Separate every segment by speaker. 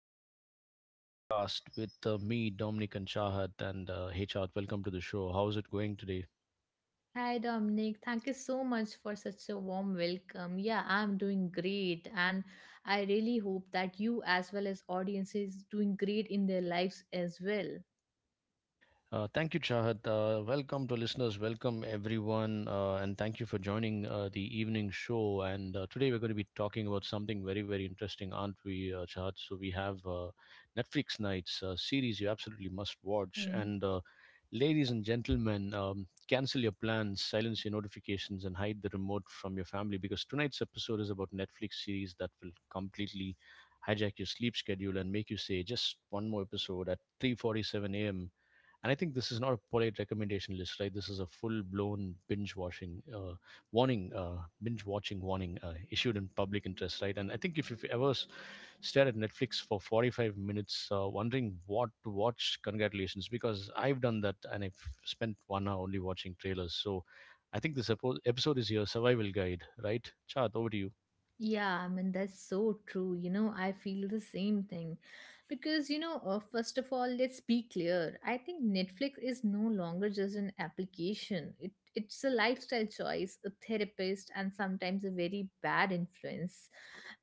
Speaker 1: the evening podcast with me, Dominic and Shahat, and hey Chahat, welcome to the show. How's it going today?
Speaker 2: Hi Dominic, thank you so much for such a warm welcome. Yeah, I'm doing great and I really hope that you as well as audience is doing great in their lives as well.
Speaker 1: Thank you, Chahat. Welcome to listeners. Welcome, everyone. And thank you for joining the evening show. And today we're going to be talking about something very, very interesting, aren't we, Chahat? So we have Netflix Nights, a series you absolutely must watch. And ladies and gentlemen, cancel your plans, silence your notifications, and hide the remote from your family because tonight's episode is about Netflix series that will completely hijack your sleep schedule and make you say just one more episode at 3:47 a.m. And I think this is not a polite recommendation list, right? This is a full blown binge watching warning, binge watching warning issued in public interest, right? And I think if you've ever stared at Netflix for 45 minutes wondering what to watch, congratulations, because I've done that and I've spent 1 hour only watching trailers. So I think this episode is your survival guide, right? Chat, over to you.
Speaker 2: Yeah, I mean, that's so true. You know, I feel the same thing. Because, you know, first of all, let's be clear. I think Netflix is no longer just an application, it's a lifestyle choice, a therapist, and sometimes a very bad influence.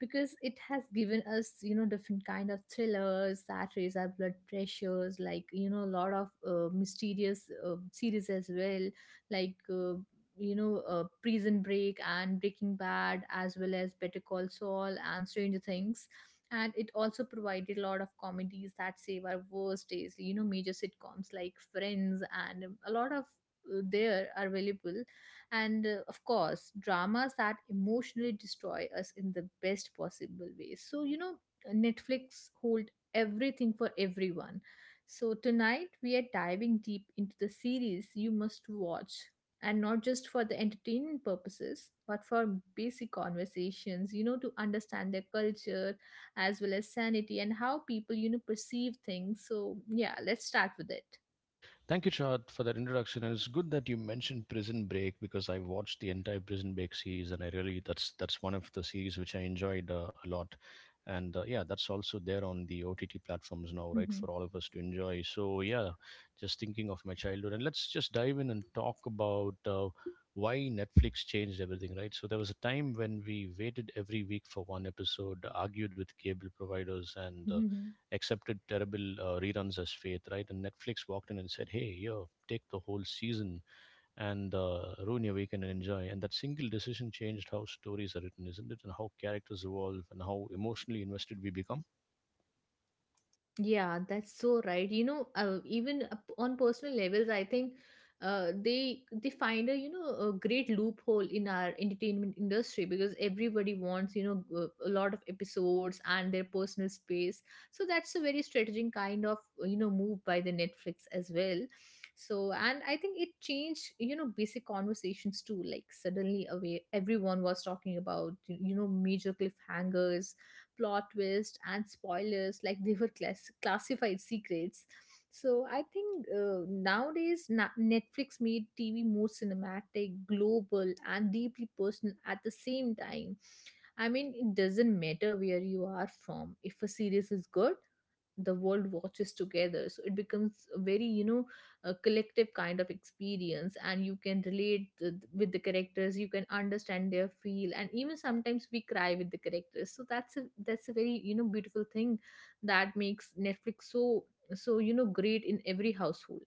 Speaker 2: Because it has given us, you know, different kind of thrillers that raise our blood pressures, like, you know, a lot of mysterious series as well, like. You know Prison Break and Breaking Bad as well as Better Call Saul and Stranger Things, and it also provided a lot of comedies that save our worst days, you know, major sitcoms like Friends, and a lot of there are available, and of course dramas that emotionally destroy us in the best possible way. So, you know, Netflix hold everything for everyone. So tonight we are diving deep into the series you must watch, and not just for the entertainment purposes, but for basic conversations, you know, to understand their culture as well as sanity and how people, you know, perceive things. So yeah, let's start with it.
Speaker 1: Thank you, Chad, for that introduction. And it's good that you mentioned Prison Break because I watched the entire Prison Break series, and I really that's one of the series which I enjoyed a lot. And yeah, that's also there on the OTT platforms now, right, for all of us to enjoy. So yeah, just thinking of my childhood, and let's just dive in and talk about. Why Netflix changed everything, right? So there was a time when we waited every week for one episode, argued with cable providers, and accepted terrible reruns as faith, right? And Netflix walked in and said, "Hey, yo, take the whole season and ruin your weekend and enjoy." And that single decision changed how stories are written, isn't it? And how characters evolve and how emotionally invested we become.
Speaker 2: Yeah, that's so right. You know, on personal levels, I think they find a, you know, a great loophole in our entertainment industry, because everybody wants, you know, a lot of episodes and their personal space. So that's a very strategic kind of, you know, move by the Netflix as well. So, and I think it changed, you know, basic conversations too. Like suddenly away everyone was talking about, you know, major cliffhangers, plot twists and spoilers like they were classified secrets. So I think, nowadays Netflix made TV more cinematic, global and deeply personal at the same time. I mean, it doesn't matter where you are from, if a series is good, the world watches together. So it becomes a very, you know, a collective kind of experience, and you can relate with the characters, you can understand their feel, and even sometimes we cry with the characters. So that's a, that's a very, you know, beautiful thing that makes Netflix so, so, you know, great in every household.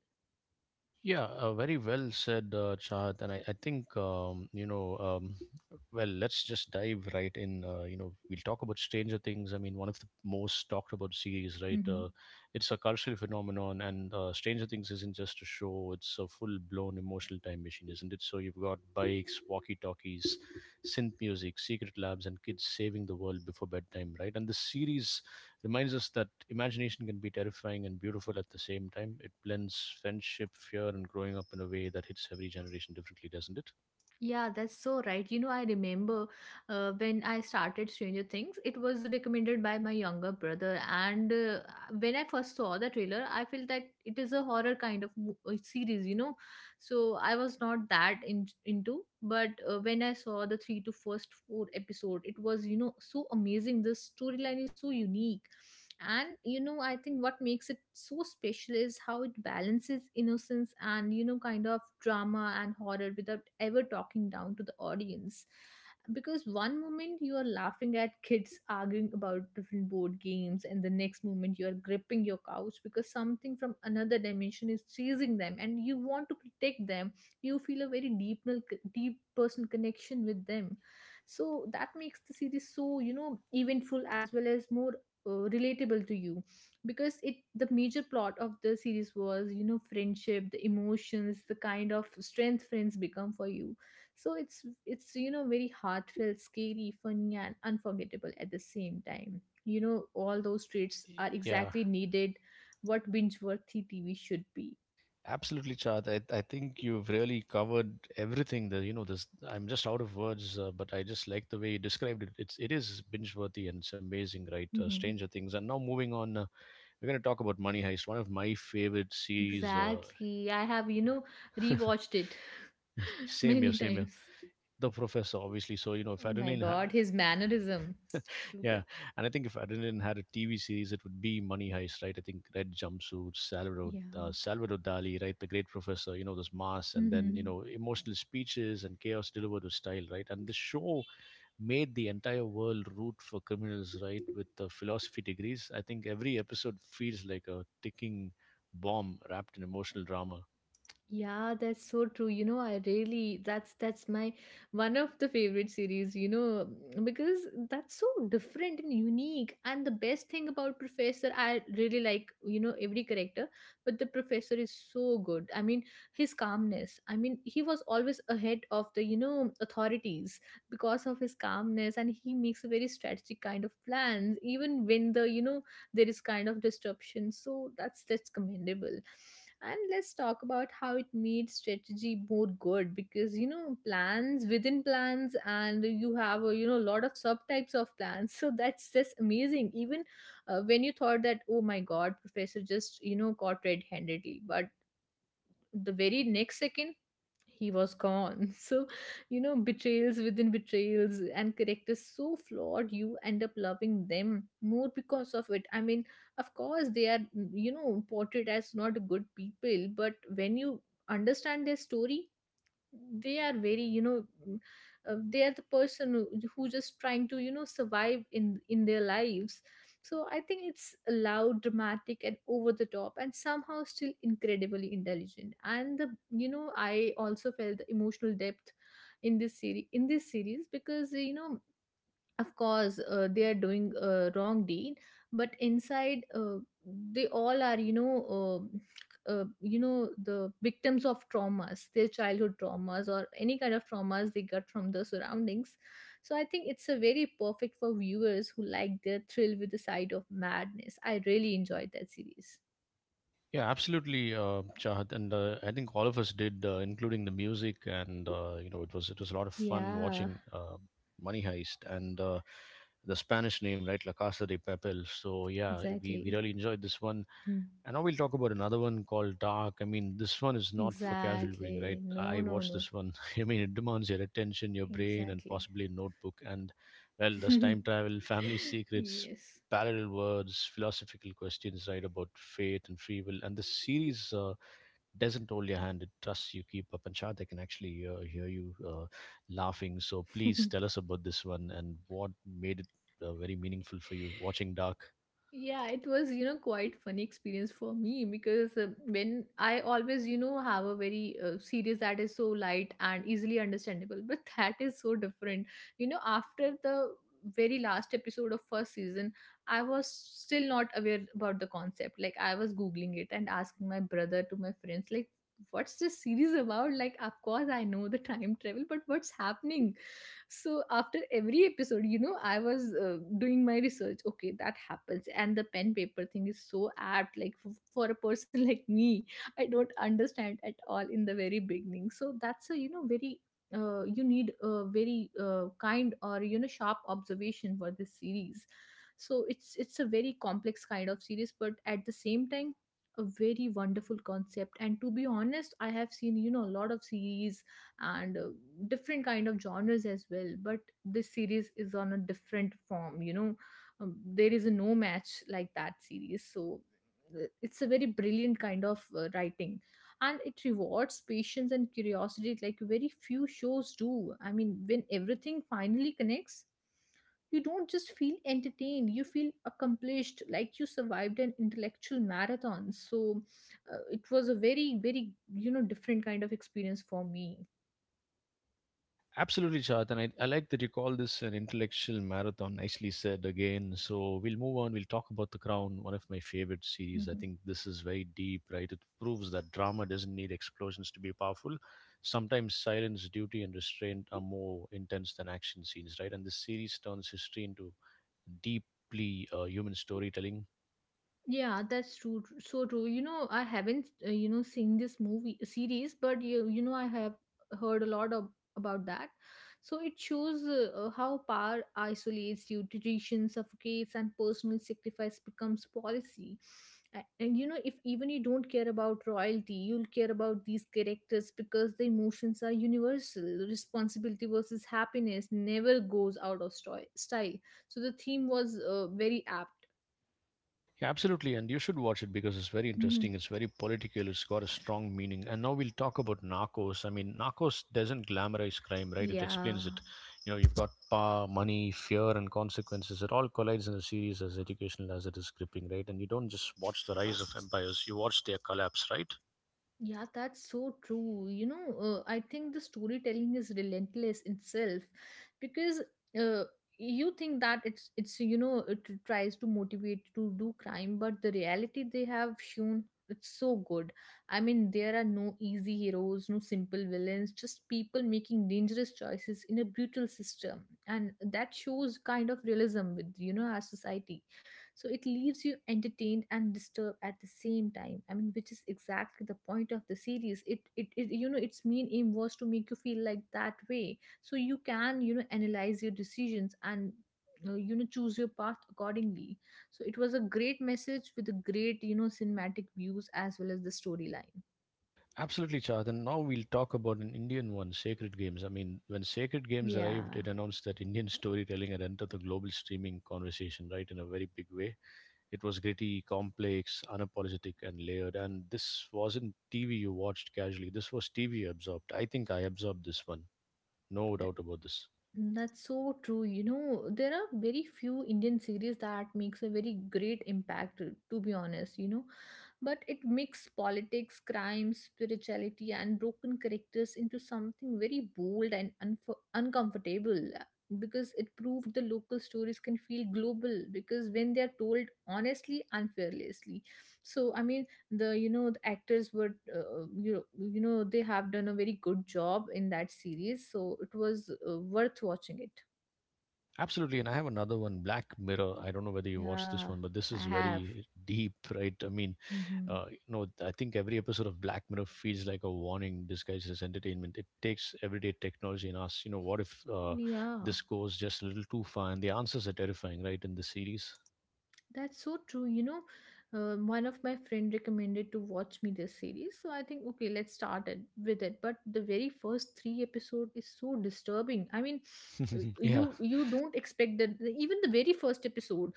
Speaker 1: Yeah, very well said, Chahat. And I think, well, let's just dive right in. You know, we'll talk about Stranger Things. I mean, one of the most talked about series, right?
Speaker 2: Mm-hmm.
Speaker 1: It's a cultural phenomenon, and Stranger Things isn't just a show, it's a full blown emotional time machine, isn't it? So you've got bikes, walkie talkies, synth music, secret labs, and kids saving the world before bedtime, right? And the series reminds us that imagination can be terrifying and beautiful at the same time. It blends friendship, fear, and growing up in a way that hits every generation differently, doesn't it?
Speaker 2: Yeah, that's so right. You know, I remember when I started Stranger Things, it was recommended by my younger brother. And when I first saw the trailer, I felt that it is a horror kind of series, you know. So I was not that into. But when I saw the three to first four episode, it was, you know, so amazing. The storyline is so unique, and you know, I think what makes it so special is how it balances innocence and, you know, kind of drama and horror without ever talking down to the audience, because one moment you are laughing at kids arguing about different board games, and the next moment you are gripping your couch because something from another dimension is chasing them and you want to protect them. You feel a very deep, deep personal connection with them. So that makes the series so, you know, eventful as well as more relatable to you, because it, the major plot of the series was, you know, friendship, the emotions, the kind of strength friends become for you. So it's, you know, very heartfelt, scary, funny and unforgettable at the same time. You know, all those traits are
Speaker 1: Yeah,
Speaker 2: exactly needed what binge worthy TV should be.
Speaker 1: absolutely, Chad. I think you've really covered everything. That you know, this I'm just out of words, but I just like the way you described it. It is binge worthy and it's amazing, right?
Speaker 2: Mhm.
Speaker 1: Stranger Things. And now moving on, we're going to talk about Money Heist, one of my favorite series.
Speaker 2: Exactly, I have, you know, rewatched it
Speaker 1: Same here,
Speaker 2: many
Speaker 1: same here.
Speaker 2: times.
Speaker 1: The Professor, obviously. So you know, if
Speaker 2: Oh
Speaker 1: I
Speaker 2: my
Speaker 1: didn't
Speaker 2: god, his mannerism. Too
Speaker 1: yeah,
Speaker 2: good.
Speaker 1: and I think if Adrenaline had a TV series, it would be Money Heist, right? I think Red Jumpsuit, Salvador,
Speaker 2: Yeah.
Speaker 1: Salvador Dali, right? The Great Professor, you know, those masks, and then, you
Speaker 2: Mhm.
Speaker 1: know, emotional speeches and chaos delivered with style, right? And the show made the entire world root for criminals, right? With the philosophy degrees. I think every episode feels like a ticking bomb wrapped in emotional drama.
Speaker 2: Yeah, that's so true. You know, I really, that's my one of the favorite series, you know, because that's so different and unique. And the best thing about Professor, I really like, you know, every character, but the professor is so good. I mean, his calmness. I mean, he was always ahead of the, you know, authorities because of his calmness, and he makes a very strategic kind of plans, even when the, you know, there is kind of disruption. So that's commendable. And let's talk about how it made strategy more good, because, you know, plans within plans and you have a, you know, a lot of subtypes of plans so that's just amazing. Even when you thought that, oh my god, professor just, you know, caught red-handedly, but the very next second he was gone. So, you know, betrayals within betrayals and characters so flawed, you end up loving them more because of it. I mean, of course, they are, you know, portrayed as not good people, but when you understand their story, they are very, you know, mm, they are the person who just trying to you know survive in their lives so I think it's loud dramatic and over the top and somehow still incredibly intelligent and the you know I also felt the emotional depth in this series because you know of course they are doing a wrong deed but inside they all are you know you know, the victims of traumas, their childhood traumas or any kind of traumas they got from the surroundings. So I think it's a very perfect for viewers who like their thrill with the side of madness. I really enjoyed that series.
Speaker 1: Yeah, absolutely, Chahat, and I think all of us did, including the music, and you know, it was a lot of fun
Speaker 2: Yeah,
Speaker 1: watching Money Heist and the Spanish name, right, La Casa de Papel. So yeah, we
Speaker 2: exactly.
Speaker 1: really enjoyed this one.
Speaker 2: Hmm.
Speaker 1: And now we'll talk about another one called Dark. I mean, this one is not for casual viewing,
Speaker 2: Exactly,
Speaker 1: right?
Speaker 2: no,
Speaker 1: I
Speaker 2: no,
Speaker 1: watched
Speaker 2: no,
Speaker 1: this one. I mean, it demands your attention, your brain, and
Speaker 2: exactly.
Speaker 1: possibly a notebook. And, well, there's time travel, family secrets,
Speaker 2: Yes.
Speaker 1: parallel worlds, philosophical questions, right, about fate and free will. And the series doesn't hold your hand, it trusts you, keep up. And Shad, I can actually hear you laughing. So please tell us about this one and what made it very meaningful for you watching Dark.
Speaker 2: Yeah, it was, you know, quite funny experience for me, because when I always, you know, have a very series that is so light and easily understandable, but that is so different. You know, after the very last episode of first season, I was still not aware about the concept. Like I was googling it and asking my brother to my friends like, what's this series about? Like, of course I know the time travel, but what's happening? So after every episode, you know, I was doing my research, okay, that happens. And the pen paper thing is so apt, like for a person like me, I don't understand at all in the very beginning. So that's a, you know, very you need a very kind or, you know, sharp observation for this series. So it's a very complex kind of series, but at the same time a very wonderful concept. And to be honest, I have seen, you know, a lot of series, and different kind of genres as well, but this series is on a different form, you know. There is no match like that series. So it's a very brilliant kind of writing, and it rewards patience and curiosity like very few shows do. I mean, when everything finally connects, you don't just feel entertained, you feel accomplished, like you survived an intellectual marathon. So it was a very, very, you know, different kind of experience for me.
Speaker 1: Absolutely, Chat. And I like that you call this an intellectual marathon. Nicely said again. So we'll move on. We'll talk about The Crown, one of my favorite series. I
Speaker 2: Mhm.
Speaker 1: think this is very deep, right? It proves that drama doesn't need explosions to be powerful. Sometimes silence, duty, and restraint are more intense than action scenes, right? And this series turns history into deeply human storytelling.
Speaker 2: Yeah, that's true. So true. You know, I haven't, you know, seen this movie series, but you know, I have heard a lot of, about that. So it shows how power isolates you, tradition suffocates, and personal sacrifice becomes policy. And you know, if even you don't care about royalty, you'll care about these characters because the emotions are universal. Responsibility versus happiness never goes out of style. So the theme was very apt.
Speaker 1: Yeah, absolutely. And you should watch it because it's very
Speaker 2: Mm-hmm.
Speaker 1: interesting. It's very political. It's got a strong meaning. And now we'll talk about Narcos. I mean, Narcos doesn't glamorize crime, right? It
Speaker 2: Yeah,
Speaker 1: explains it. You know, you've got power, money, fear, and consequences. It all collides in a series as educational as it is gripping, right? And you don't just watch the rise of empires, you watch their collapse, right?
Speaker 2: yeah, that's so true. You know, I think the storytelling is relentless itself, because uh, you think that it's you know, it tries to motivate to do crime, but the reality they have shown, it's so good. I mean, there are no easy heroes, no simple villains, just people making dangerous choices in a brutal system, and that shows kind of realism with, you know, our society. So it leaves you entertained and disturbed at the same time. I mean, which is exactly the point of the series. It you know, its main aim was to make you feel like that way so you can, you know, analyze your decisions and you know, choose your path accordingly. So it was a great message with a great, you know, cinematic views as well as the storyline.
Speaker 1: Absolutely, Chad. And now we'll talk about an Indian one, Sacred Games. I mean, when Sacred Games arrived,
Speaker 2: Yeah.
Speaker 1: it announced that Indian storytelling had entered the global streaming conversation, right, in a very big way. It was gritty, complex, unapologetic, and layered. And this wasn't TV you watched casually. This was TV you absorbed. I think I absorbed this one. No doubt about this.
Speaker 2: Mm, that's so true. You know, there are very few Indian series that makes a very great impact, to be honest, you know. But it mix politics, crime, spirituality, and broken characters into something very bold and unf uncomfortable, because it proved the local stories can feel global because when they are told honestly and fearlessly. So, I mean, the actors were they have done a very good job in that series, so it was worth watching it.
Speaker 1: Absolutely. And I have another one, Black Mirror. I don't know whether you watched this
Speaker 2: Yeah,
Speaker 1: one, but this is
Speaker 2: I have.
Speaker 1: very deep, right? I mean,
Speaker 2: Hmm.
Speaker 1: you know, I think every episode of Black Mirror feels like a warning disguised as entertainment. It takes everyday technology and asks, you know, what if
Speaker 2: Yeah,
Speaker 1: this goes just a little too far? And the answers are terrifying, right? In the series.
Speaker 2: that's so true, one of my friend recommended to watch me this series, so I think okay, let's start it with it. But the very first three episode is so disturbing, I mean,
Speaker 1: Yeah.
Speaker 2: you don't expect that, even the very first episode.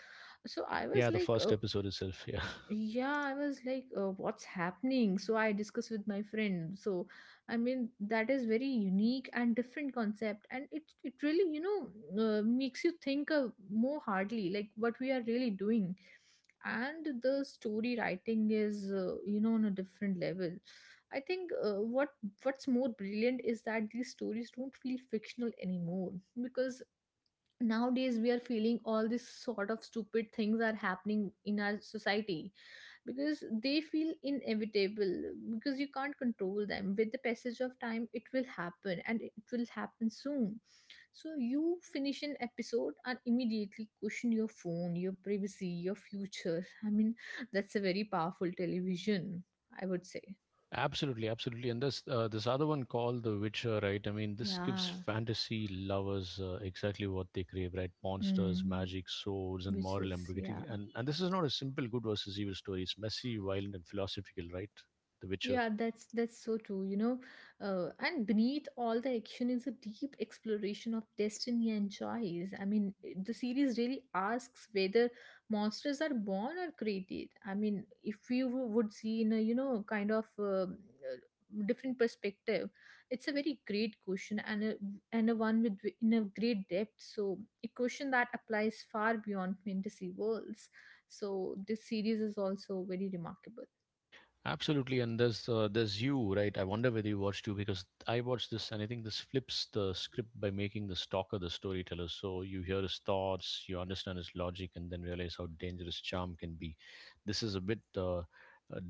Speaker 2: So I was
Speaker 1: Yeah, the
Speaker 2: like,
Speaker 1: first episode itself. Yeah,
Speaker 2: yeah, I was like, what's happening? So I discussed with my friend. So I mean, that is very unique and different concept, and it really, you know, makes you think more hardly, like what we are really doing. And the story writing is, you know, on a different level. I think, what's more brilliant is that these stories don't feel fictional anymore, because nowadays we are feeling all this sort of stupid things are happening in our society, because they feel inevitable, because you can't control them. With the passage of time, it will happen, and it will happen soon. So you finish an episode and immediately question your phone, your privacy, your future. I mean, that's a very powerful television, I would say.
Speaker 1: absolutely, absolutely. And this this other one called The Witcher, right? I mean, this
Speaker 2: Yeah.
Speaker 1: gives fantasy lovers exactly what they crave, right? Monsters,
Speaker 2: mm.
Speaker 1: magic, swords, and
Speaker 2: Which is,
Speaker 1: moral
Speaker 2: yeah.
Speaker 1: ambiguity. And this is not a simple good versus evil story. It's messy, violent, and philosophical, right? The Witcher.
Speaker 2: Yeah, that's so true, you know. And beneath all the action is a deep exploration of destiny and choice. I mean, the series really asks whether monsters are born or created. I mean, if you would see in a, you know, kind of different perspective, it's a very great question, and a one with in a great depth. So a question that applies far beyond fantasy worlds. So this series is also very remarkable.
Speaker 1: Absolutely, and there's you, right? I wonder whether you watched you because I watched this, and I think this flips the script by making the stalker the storyteller. So you hear his thoughts, you understand his logic, and then realize how dangerous charm can be. This is a bit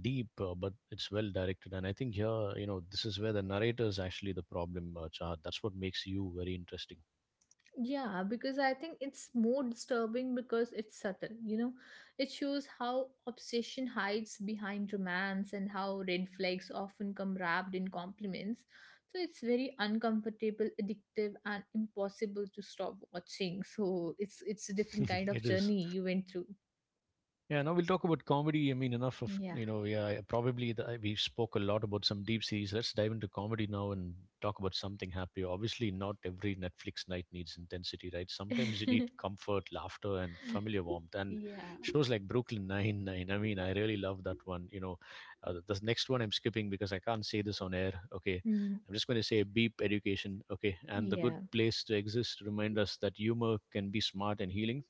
Speaker 1: deep, but it's well directed, and I think here, you know, this is where the narrator is actually the problem, Chahat. That's what makes you very interesting.
Speaker 2: Yeah, because I think it's more disturbing because it's subtle, you know. It shows how obsession hides behind romance and how red flags often come wrapped in compliments. So it's very uncomfortable, addictive, and impossible to stop watching. So it's a different kind of
Speaker 1: It is.
Speaker 2: journey you went through.
Speaker 1: Yeah, now we'll talk about comedy. I mean, enough of,
Speaker 2: Yeah.
Speaker 1: you know, yeah, probably the, we spoke a lot about some deep series. Let's dive into comedy now and talk about something happy. Obviously, not every Netflix night needs intensity, right? Sometimes you need comfort, laughter, and familiar warmth. And
Speaker 2: Yeah.
Speaker 1: shows like Brooklyn Nine-Nine, I mean, I really love that one. You know, the next one I'm skipping because I can't say this on air. Okay.
Speaker 2: Mm,
Speaker 1: I'm just going to say beep education. Okay. And the good
Speaker 2: yeah.
Speaker 1: place to exist remind us that humor can be smart and healing.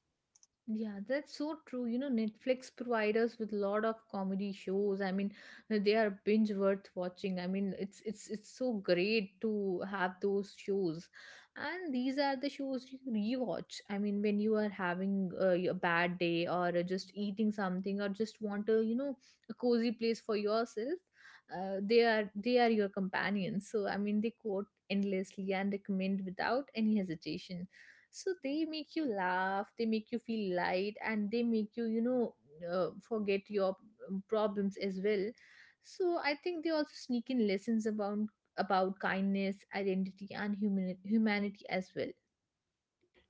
Speaker 2: Yeah, that's so true. You know, Netflix provide us with a lot of comedy shows. I mean, they are binge worth watching. I mean, it's so great to have those shows. And these are the shows you rewatch. I mean, when you are having a bad day, or just eating something, or just want a, you know, a cozy place for yourself, they are your companions. So, I mean, they quote endlessly and recommend without any hesitation. So they make you laugh, they make you feel light, and they make you, you know, forget your problems as well. So I think they also sneak in lessons about kindness, identity, and humanity as well.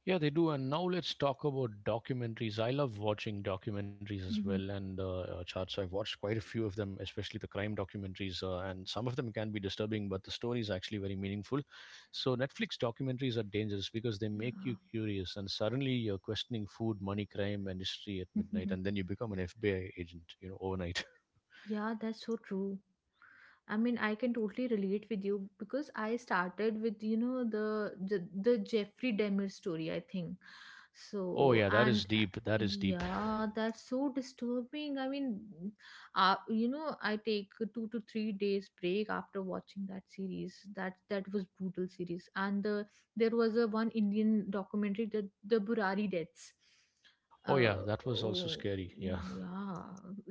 Speaker 1: Yeah, they do. And now let's talk about documentaries. I love watching documentaries as well,
Speaker 2: Mhm.
Speaker 1: and charts. I've watched quite a few of them, especially the crime documentaries, and some of them can be disturbing, but the story is actually very meaningful. So Netflix documentaries are dangerous because they make
Speaker 2: Yeah.
Speaker 1: you curious, and suddenly you're questioning food, money, crime, and history at midnight, and then you become an FBI agent, you know, overnight.
Speaker 2: yeah, that's so true. I mean, I can totally relate with you, because I started with, you know, the Jeffrey Demir story, I think.
Speaker 1: Oh
Speaker 2: So,
Speaker 1: yeah, that
Speaker 2: and
Speaker 1: is deep. That is deep.
Speaker 2: yeah, that's so disturbing. I mean, you know, I take a 2 to 3 days break after watching that series. That was brutal series. There was a one Indian documentary, the Burari deaths.
Speaker 1: Oh yeah,
Speaker 2: uh,
Speaker 1: that was also
Speaker 2: oh.
Speaker 1: scary.
Speaker 2: Oh,
Speaker 1: Yeah.
Speaker 2: yeah.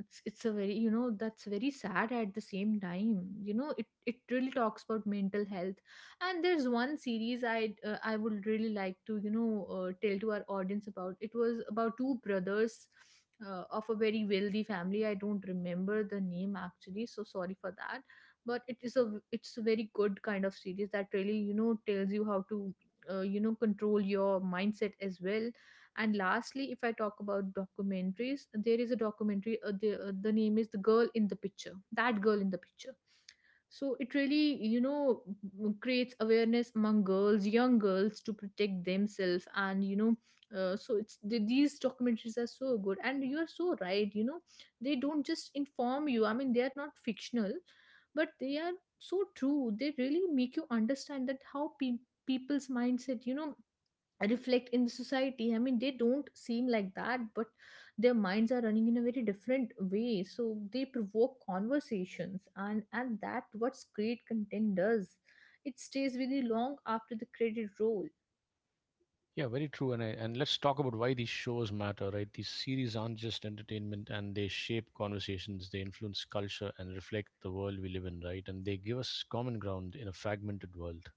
Speaker 2: It's a very, you know, that's very sad. At the same time, you know, it really talks about mental health. And there's one series I, I would really like to, you know, tell to our audience about. It was about two brothers of a very wealthy family. I don't remember the name actually, so sorry for that. But it's a very good kind of series that really, you know, tells you how to you know, control your mindset as well. And lastly, if I talk about documentaries, there is a documentary. The name is the girl in the picture. That girl in the picture. So it really, you know, creates awareness among girls, young girls, to protect themselves. And you know, so it's these documentaries are so good. And you are so right. You know, they don't just inform you. I mean, they are not fictional, but they are so true. They really make you understand that how people's mindset, you know, reflect in the society. I mean, they don't seem like that, but their minds are running in a very different way. So they provoke conversations, and that what's great content does. It stays with you long after the credit roll.
Speaker 1: Yeah, very true. And I, and let's talk about why these shows matter, right? These series aren't just entertainment and they shape conversations, they influence culture and reflect the world we live in, right? And they give us common ground in a fragmented world.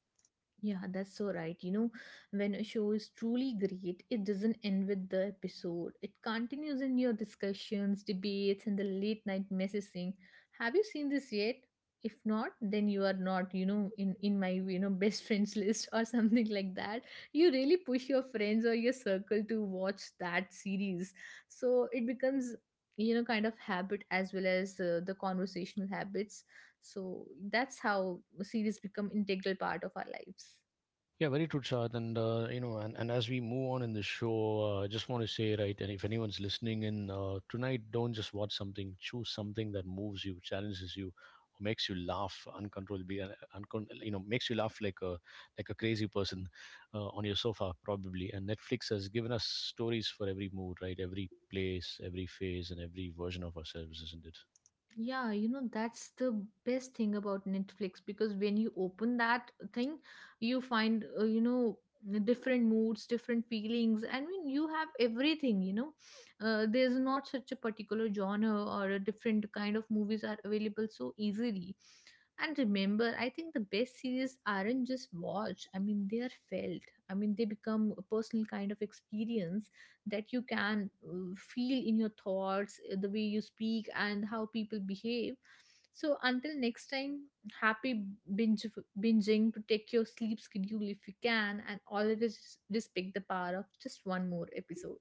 Speaker 2: Yeah, that's so right. You know, when a show is truly great, it doesn't end with the episode. It continues in your discussions, debates, and the late night messaging. Have you seen this yet? If not, then you are not, you know, in my, you know, best friends list or something like that. You really push your friends or your circle to watch that series, so it becomes, you know, kind of habit, as well as the conversational habits. So that's how series become integral part of our lives.
Speaker 1: Yeah, very true, Shad. And you know, and as we move on in the show, I just want to say, right, and if anyone's listening in tonight, don't just watch something. Choose something that moves you, challenges you, or makes you laugh uncontrollably, and you know, makes you laugh like a crazy person on your sofa, probably. And Netflix has given us stories for every mood, right? Every place, every phase, and every version of ourselves, isn't it?
Speaker 2: Yeah, you know, that's the best thing about Netflix, because when you open that thing, you find, you know, different moods, different feelings. I mean, you have everything, you know. There's not such a particular genre, or a different kind of movies are available so easily. And remember, I think the best series aren't just watched, I mean, they are felt. I mean, they become a personal kind of experience that you can feel in your thoughts, the way you speak and how people behave. So until next time, happy binge, binging, protect your sleep schedule if you can, and always respect the power of just one more episode.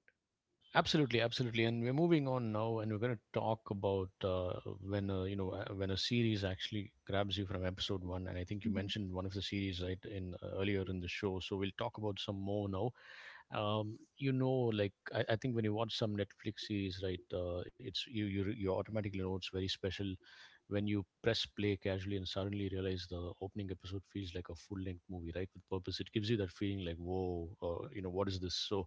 Speaker 1: Absolutely, absolutely, and we're moving on now, and we're going to talk about when when a series actually grabs you from episode one. And I think you mentioned one of the series right in earlier in the show, so we'll talk about some more now. I think when you watch some Netflix series, right, it's you automatically know it's very special, when you press play casually and suddenly realize the opening episode feels like a full length movie, right? With purpose, it gives you that feeling like, whoa, what is this? So,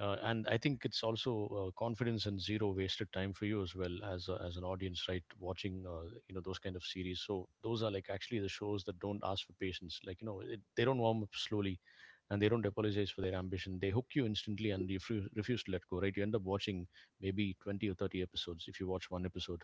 Speaker 1: and I think it's also confidence and zero wasted time for you as well as as an audience, right? Watching those kind of series. So those are like actually the shows that don't ask for patience. Like you know it, they don't warm up slowly, and they don't apologize for their ambition. They hook you instantly and you refuse to let go. Right? You end up watching maybe 20 or 30 episodes if you watch one episode.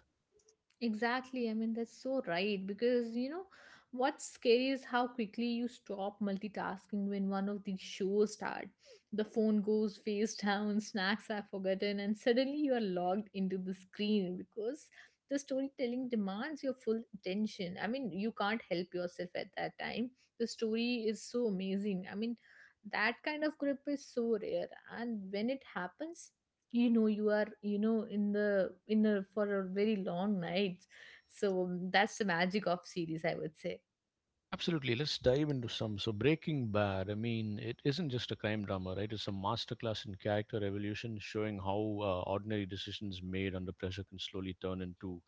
Speaker 2: Exactly. I mean, that's so right. Because, you know, what's scary is how quickly you stop multitasking when one of these shows start. The phone goes face down, snacks are forgotten, and suddenly you are logged into the screen, because the storytelling demands your full attention. I mean, you can't help yourself at that time. The story is so amazing. I mean, that kind of grip is so rare. And when it happens, you know you are, you know, in the in a for a very long night. So that's the magic of series, I would say.
Speaker 1: Absolutely. Let's dive into some. So, Breaking Bad, I mean, it isn't just a crime drama, right? It's a masterclass in character evolution, showing how ordinary decisions made under pressure can slowly turn into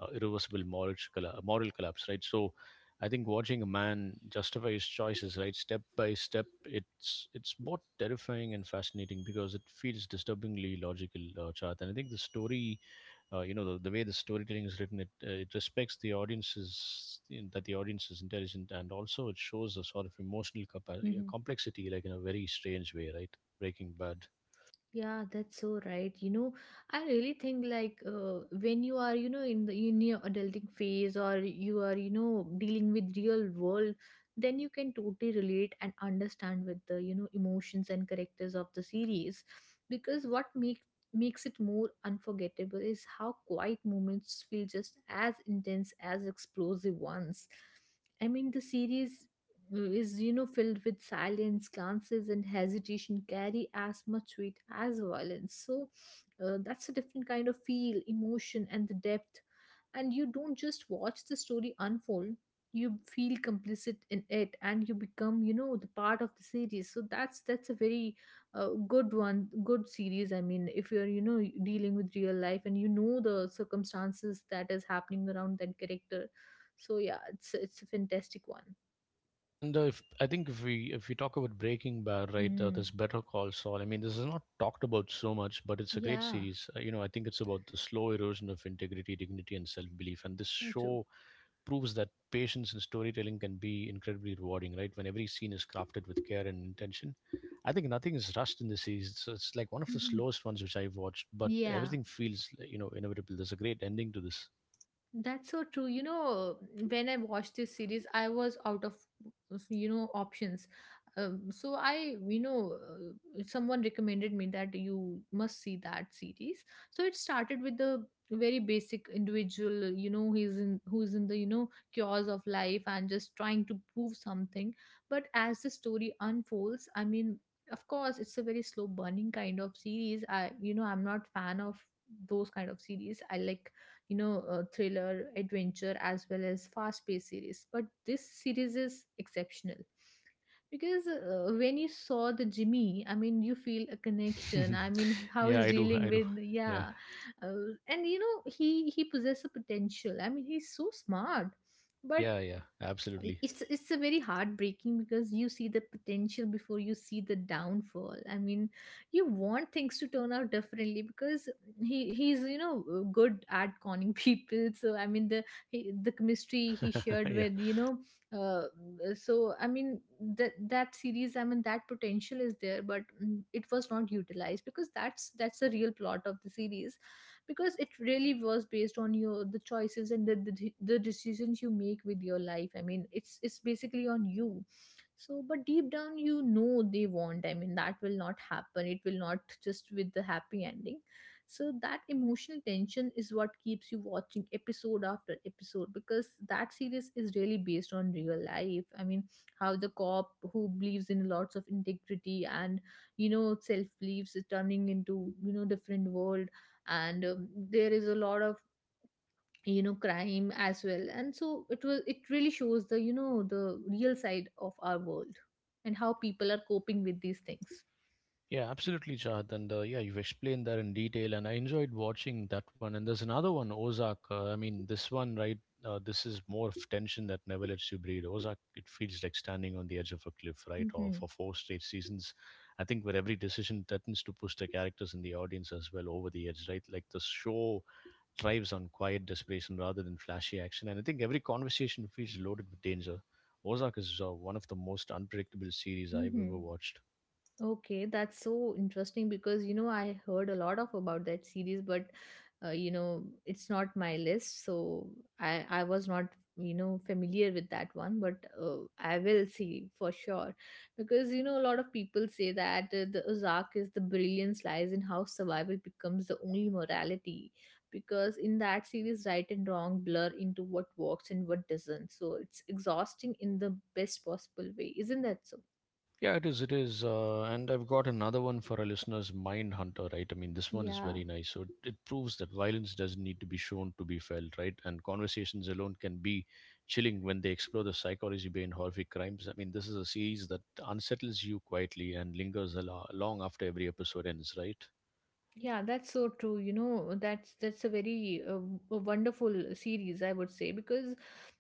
Speaker 1: irreversible moral collapse, right? So, I think watching a man justify his choices, right, step by step, it's both terrifying and fascinating because it feels disturbingly logical, Chart. And I think the story the way the storytelling is written, it respects the audiences in, that the audience is intelligent, and also it shows a sort of emotional
Speaker 2: Mm-hmm.
Speaker 1: complexity like in a very strange way, right? Breaking Bad.
Speaker 2: Yeah, that's so right. You know, I really think like, when you are, you know, in the in your adulting phase, or you are, you know, dealing with real world, then you can totally relate and understand with the, you know, emotions and characters of the series. Because what makes it more unforgettable is how quiet moments feel just as intense as explosive ones. I mean, the series is, you know, filled with silence, glances, and hesitation, carry as much weight as violence. So that's a different kind of feel, emotion, and the depth. And you don't just watch the story unfold, you feel complicit in it, and you become, you know, the part of the series. So that's a very good one, good series. I mean, if you're, you know, dealing with real life and you know the circumstances that is happening around that character. So yeah, it's a fantastic one.
Speaker 1: Yeah, and if, I think if we talk about Breaking Bad, right,
Speaker 2: Mm.
Speaker 1: there's Better Call Saul. I mean, this is not talked about so much, but it's a great
Speaker 2: Yeah,
Speaker 1: series. You know, I think it's about the slow erosion of integrity, dignity and self-belief, and this
Speaker 2: so true.
Speaker 1: show proves that patience in storytelling can be incredibly rewarding, right? When every scene is crafted with care and intention. I think nothing is rushed in the series. So it's like one of the
Speaker 2: Mhm.
Speaker 1: slowest ones which I've watched, but
Speaker 2: Yeah,
Speaker 1: everything feels, like, you know, inevitable. There's a great ending to this.
Speaker 2: that's so true. You know, when I watched this series, I was out of, you know, options. So I, you know, someone recommended me that you must see that series. So it started with the very basic individual, you know, he's in who's in the, you know, chaos of life and just trying to prove something. But as the story unfolds, I mean, of course, it's a very slow burning kind of series. I, you know, I'm not fan of those kind of series. I like, you know, thriller adventure as well as fast paced series, but this series is exceptional. Because when you saw the Jimmy, I mean, you feel a connection. I mean, how
Speaker 1: Yeah,
Speaker 2: he's
Speaker 1: I do.
Speaker 2: dealing
Speaker 1: I do.
Speaker 2: with,
Speaker 1: Yeah.
Speaker 2: yeah, and you know he possesses a potential. I mean, he's so smart, but
Speaker 1: Yeah, yeah, absolutely.
Speaker 2: it's a very heartbreaking, because you see the potential before you see the downfall. I mean, you want things to turn out differently, because he's, you know, good at conning people. So I mean, the he, the chemistry he shared
Speaker 1: Yeah.
Speaker 2: with, you know, uh, so I mean, that series, I mean, that potential is there, but it was not utilized, because that's the real plot of the series. Because it really was based on your the choices and the, the decisions you make with your life. I mean, it's basically on you. So but deep down, you know, they want. I mean that will not happen. It will not just with the happy ending. So that emotional tension is what keeps you watching episode after episode, because that series is really based on real life. I mean how the cop who believes in lots of integrity and self beliefs is turning into different world. And there is a lot of crime as well, and so it was, it really shows the the real side of our world and how people are coping with these things.
Speaker 1: Yeah, absolutely, Chad. And yeah, you've explained that in detail, and I enjoyed watching that one. And there's another one, Ozark. I mean, this one, right? This is more of tension that never lets you breathe. Ozark, it feels like standing on the edge of a cliff, right? Or
Speaker 2: Mm-hmm.
Speaker 1: for four straight seasons, I think, where every decision threatens to push the characters and the audience as well over the edge, right? Like the show thrives on quiet desperation rather than flashy action, and I think every conversation feels loaded with danger. Ozark is one of the most unpredictable series I've ever
Speaker 2: Mm-hmm.
Speaker 1: watched.
Speaker 2: Okay, that's so interesting because you know I heard a lot of about that series, but you know it's not my list, so I was not familiar with that one, but I will see for sure, because you know a lot of people say that the Ozark is, the brilliance lies in how survival becomes the only morality. Because in that series right and wrong blur into what works and what doesn't, so it's exhausting in the best possible way, isn't that so?
Speaker 1: Yeah, it is. It is. And I've got another one for our listeners, Mind Hunter, right? I mean, this one is
Speaker 2: Yeah.
Speaker 1: very nice. So it proves that violence doesn't need to be shown to be felt, right? And conversations alone can be chilling when they explore the psychology behind horrific crimes. I mean, this is a series that unsettles you quietly and lingers a long after every episode ends, right?
Speaker 2: Yeah, that's so true. You know, that's a very wonderful series, I would say, because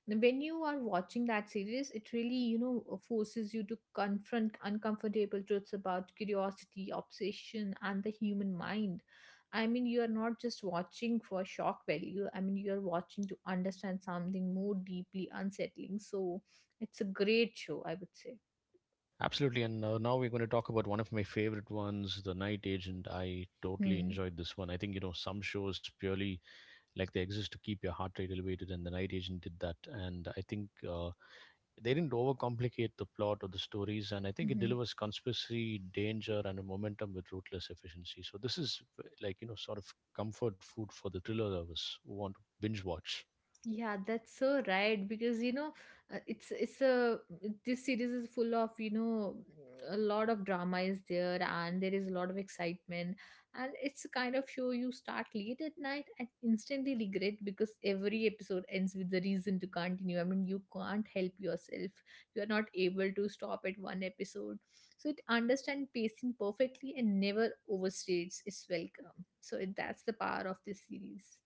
Speaker 2: when you are watching that series, it really, you know, forces you to confront uncomfortable truths about curiosity, obsession, and the human mind. I mean, you are not just watching for shock value. I mean, you are watching to understand something more deeply unsettling. So, it's a great show, I would say.
Speaker 1: Absolutely. And now we're going to talk about one of my favorite ones, The Night Agent. I totally
Speaker 2: Hmm.
Speaker 1: enjoyed this one. I think, you know, some shows purely like they exist to keep your heart rate elevated, and The Night Agent did that. And I think they didn't overcomplicate the plot or the stories, and I think it
Speaker 2: Mm-hmm.
Speaker 1: delivers conspiracy, danger and a momentum with ruthless efficiency. So this is like, you know, sort of comfort food for the thriller lovers who want to binge watch.
Speaker 2: Yeah, that's so right because you know it's a this series is full of a lot of drama is there, and there is a lot of excitement, and it's a kind of show you start late at night and instantly regret, because every episode ends with the reason to continue. I mean, you can't help yourself. You are not able to stop at one episode. So it understands pacing perfectly and never overstates its welcome. So it, that's the power of this series.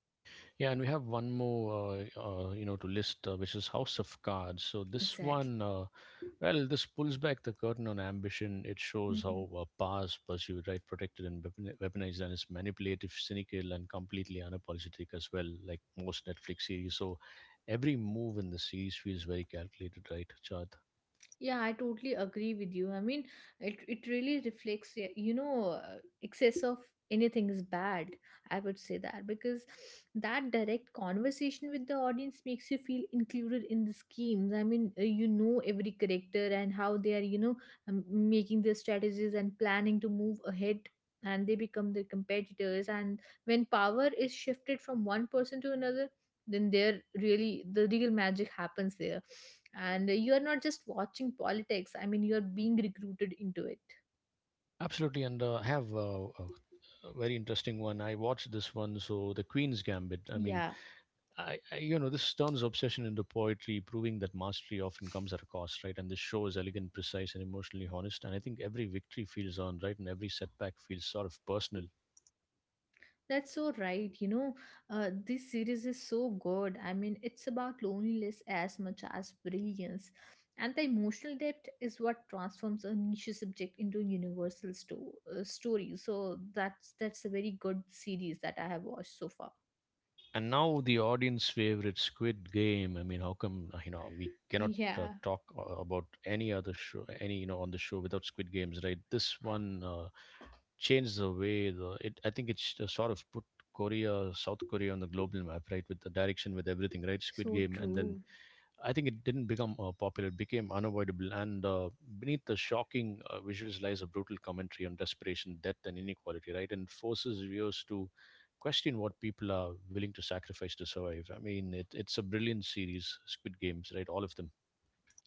Speaker 1: Yeah, and we have one more to list, which is House of Cards. So this
Speaker 2: Exactly.
Speaker 1: one Well, this pulls back the curtain on ambition. It shows how
Speaker 2: Mhm.
Speaker 1: power is pursued, right, protected and weaponized, and it's manipulative, cynical, and completely unapologetic as well, like most Netflix series. So every move in the series feels very calculated, right, Chad?
Speaker 2: Yeah, I totally agree with you. I mean, it really reflects, you know, excess of anything is bad. I would say that, because that direct conversation with the audience makes you feel included in the schemes. I mean, you know every character and how they are, you know, making their strategies and planning to move ahead. And they become their competitors. And when power is shifted from one person to another, then there really the real magic happens there, and you are not just watching politics. I mean you are being recruited into it.
Speaker 1: Absolutely, and I have a very interesting one. I watched this one, so The Queen's Gambit. I mean,
Speaker 2: Yeah.
Speaker 1: you know, this turns obsession into poetry, proving that mastery often comes at a cost, right? And this show is elegant, precise, and emotionally honest. And I think every victory feels earned, right? And every setback feels sort of personal.
Speaker 2: That's so right. You know, this series is so good. I mean, it's about loneliness as much as brilliance. And the emotional depth is what transforms a niche subject into a universal story. So that's a very good series that I have watched so far.
Speaker 1: And now the audience favorite, Squid Game. I mean, how come we cannot uh,
Speaker 2: Yeah.
Speaker 1: talk uh, about any other show, any, you know, on the show without Squid Games, right? This one changed the way the it. I think it's sort of put Korea, South Korea on the global map, right? With the direction, with everything, right? Squid
Speaker 2: So
Speaker 1: Game. And then
Speaker 2: true.
Speaker 1: I think it didn't become popular, it became unavoidable. And beneath the shocking visuals lies a brutal commentary on desperation, death, and inequality, right? And forces viewers to question what people are willing to sacrifice to survive. I mean, it's a brilliant series, Squid Games, right? All of them.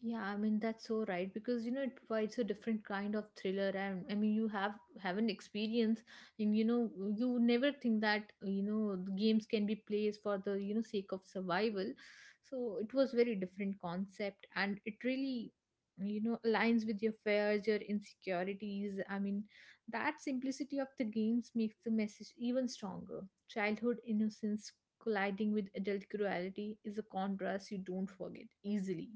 Speaker 2: Yeah, I mean that's so right because you know it provides a different kind of thriller, and I mean you have an experience. And you know you would never think that you know the games can be played for the you know sake of survival. So it was very different concept, and it really you know aligns with your fears, your insecurities. I mean that simplicity of the games makes the message even stronger. Childhood innocence colliding with adult cruelty is a contrast you don't forget easily.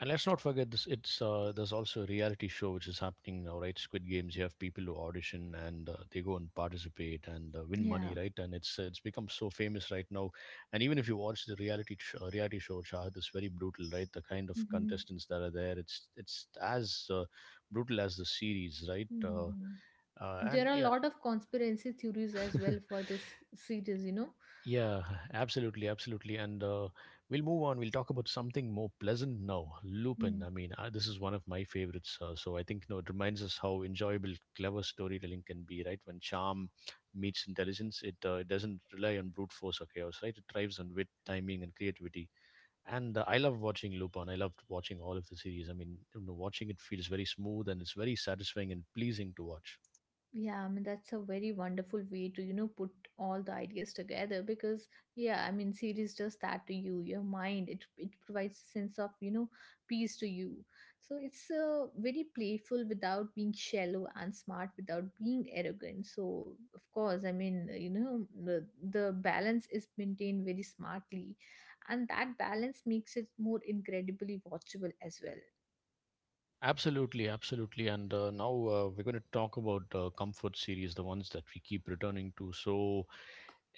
Speaker 1: And let's not forget this. It's there's also a reality show which is happening now, right? Squid Games. You have people who audition and they go and participate and win money,
Speaker 2: Yeah.
Speaker 1: right? And it's become so famous right now. And even if you watch the reality show, Shahad, it's very brutal, right? The kind of
Speaker 2: Mhm.
Speaker 1: contestants that are there, it's as brutal as the series, right?
Speaker 2: Mhm.
Speaker 1: And
Speaker 2: There are a
Speaker 1: yeah,
Speaker 2: lot of conspiracy theories as well for this series,
Speaker 1: yeah, absolutely, absolutely. And we'll move on. We'll talk about something more pleasant now. Lupin.
Speaker 2: know.
Speaker 1: I mean, this is one of my favorites. So I think, you know, it reminds us how enjoyable clever storytelling can be, right? When charm meets intelligence, it doesn't rely on brute force or chaos, right? It thrives on wit, timing, and creativity. And I love watching Lupin. I loved watching all of the series. I mean, you know, watching it feels very smooth and it's very satisfying and pleasing to watch.
Speaker 2: Yeah, I mean, that's a very wonderful way to, you know, put all the ideas together because, yeah, I mean, series does that to you, your mind. It provides a sense of, you know, peace to you. So it's very playful without being shallow, and smart without being arrogant. So, of course, I mean, you know, the balance is maintained very smartly, and that balance makes it more incredibly watchable as well.
Speaker 1: Absolutely, absolutely. And now we're going to talk about comfort series, the ones that we keep returning to. So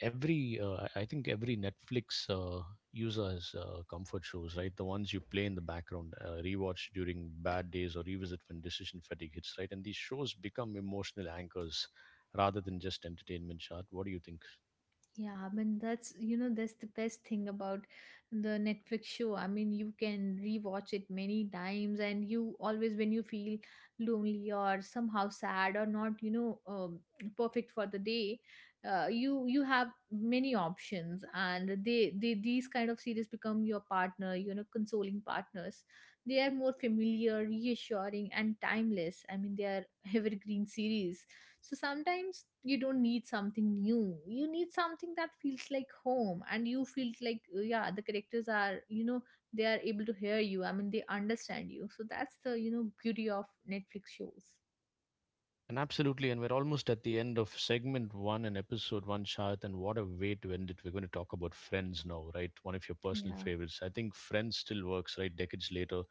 Speaker 1: every, I think every Netflix user has comfort shows, right? The ones you play in the background, rewatch during bad days, or revisit when decision fatigue hits, right? And these shows become emotional anchors rather than just entertainment. Chart. What do you think?
Speaker 2: Yeah, I mean that's you know that's the best thing about the Netflix show. I mean you can rewatch it many times, and you always when you feel lonely or somehow sad or not you know perfect for the day, you have many options, and they these kind of series become your partner, you know, consoling partners. They are more familiar, reassuring, and timeless. I mean they are evergreen series. So sometimes you don't need something new. You need something that feels like home, and you feel like, yeah, the characters are, you know, they are able to hear you. I mean, they understand you. So that's the, you know, beauty of Netflix shows.
Speaker 1: And absolutely, and we're almost at the end of segment one and episode one, Shahid. And what a way to end it. We're going to talk about Friends now, right? One of your personal
Speaker 2: Yeah,
Speaker 1: favorites. I think Friends still works, right, decades later,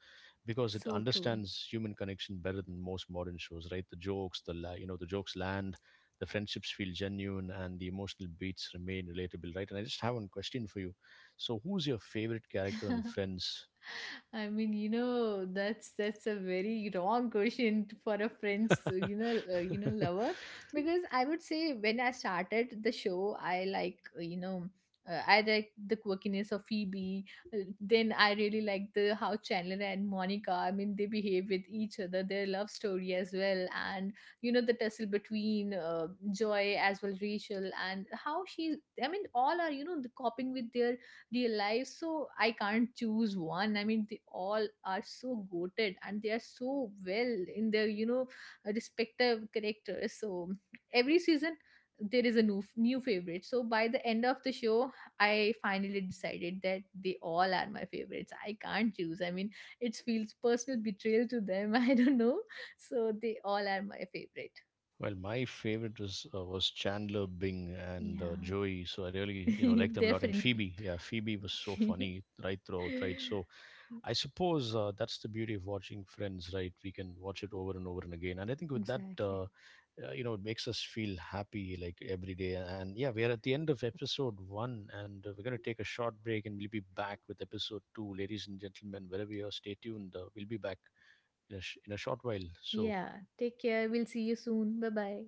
Speaker 1: because it
Speaker 2: so true.
Speaker 1: understands human connection better than most modern shows, right? The jokes, the the jokes land, the friendships feel genuine, and the emotional beats remain relatable, right? And I just have one question for you. So, who's your favorite character in Friends?
Speaker 2: I mean, you know, that's a very wrong question for a friend's, you know, lover. Because I would say when I started the show, I like, you know, I like the quirkiness of Phoebe. Then I really like the how Chandler and Monica. I mean, they behave with each other, their love story as well, and you know the tussle between Joy as well, Rachel, and how she. I mean, all are you know the coping with their real life. So I can't choose one. I mean they all are so goated, and they are so well in their you know respective characters. So every season there is a new favorite. So by the end of the show, I finally decided that they all are my favorites. I can't choose. I mean it feels personal betrayal to them. I don't know. So they all are my favorite.
Speaker 1: Well, my favorite was Chandler Bing and
Speaker 2: Yeah.
Speaker 1: Joey, so I really, you know, like them a
Speaker 2: Their
Speaker 1: lot. And
Speaker 2: friendship.
Speaker 1: Phoebe, yeah, Phoebe was so funny right throughout, right? So I suppose that's the beauty of watching Friends, right? We can watch it over and over and again, and I think with that,
Speaker 2: Exactly.
Speaker 1: it makes us feel happy like every day. And yeah, we are at the end of episode one, and we're gonna take a short break, and we'll be back with episode two, ladies and gentlemen. Wherever you are, stay tuned. We'll be back in a short while. So
Speaker 2: Yeah, take care. We'll see you soon. Bye bye.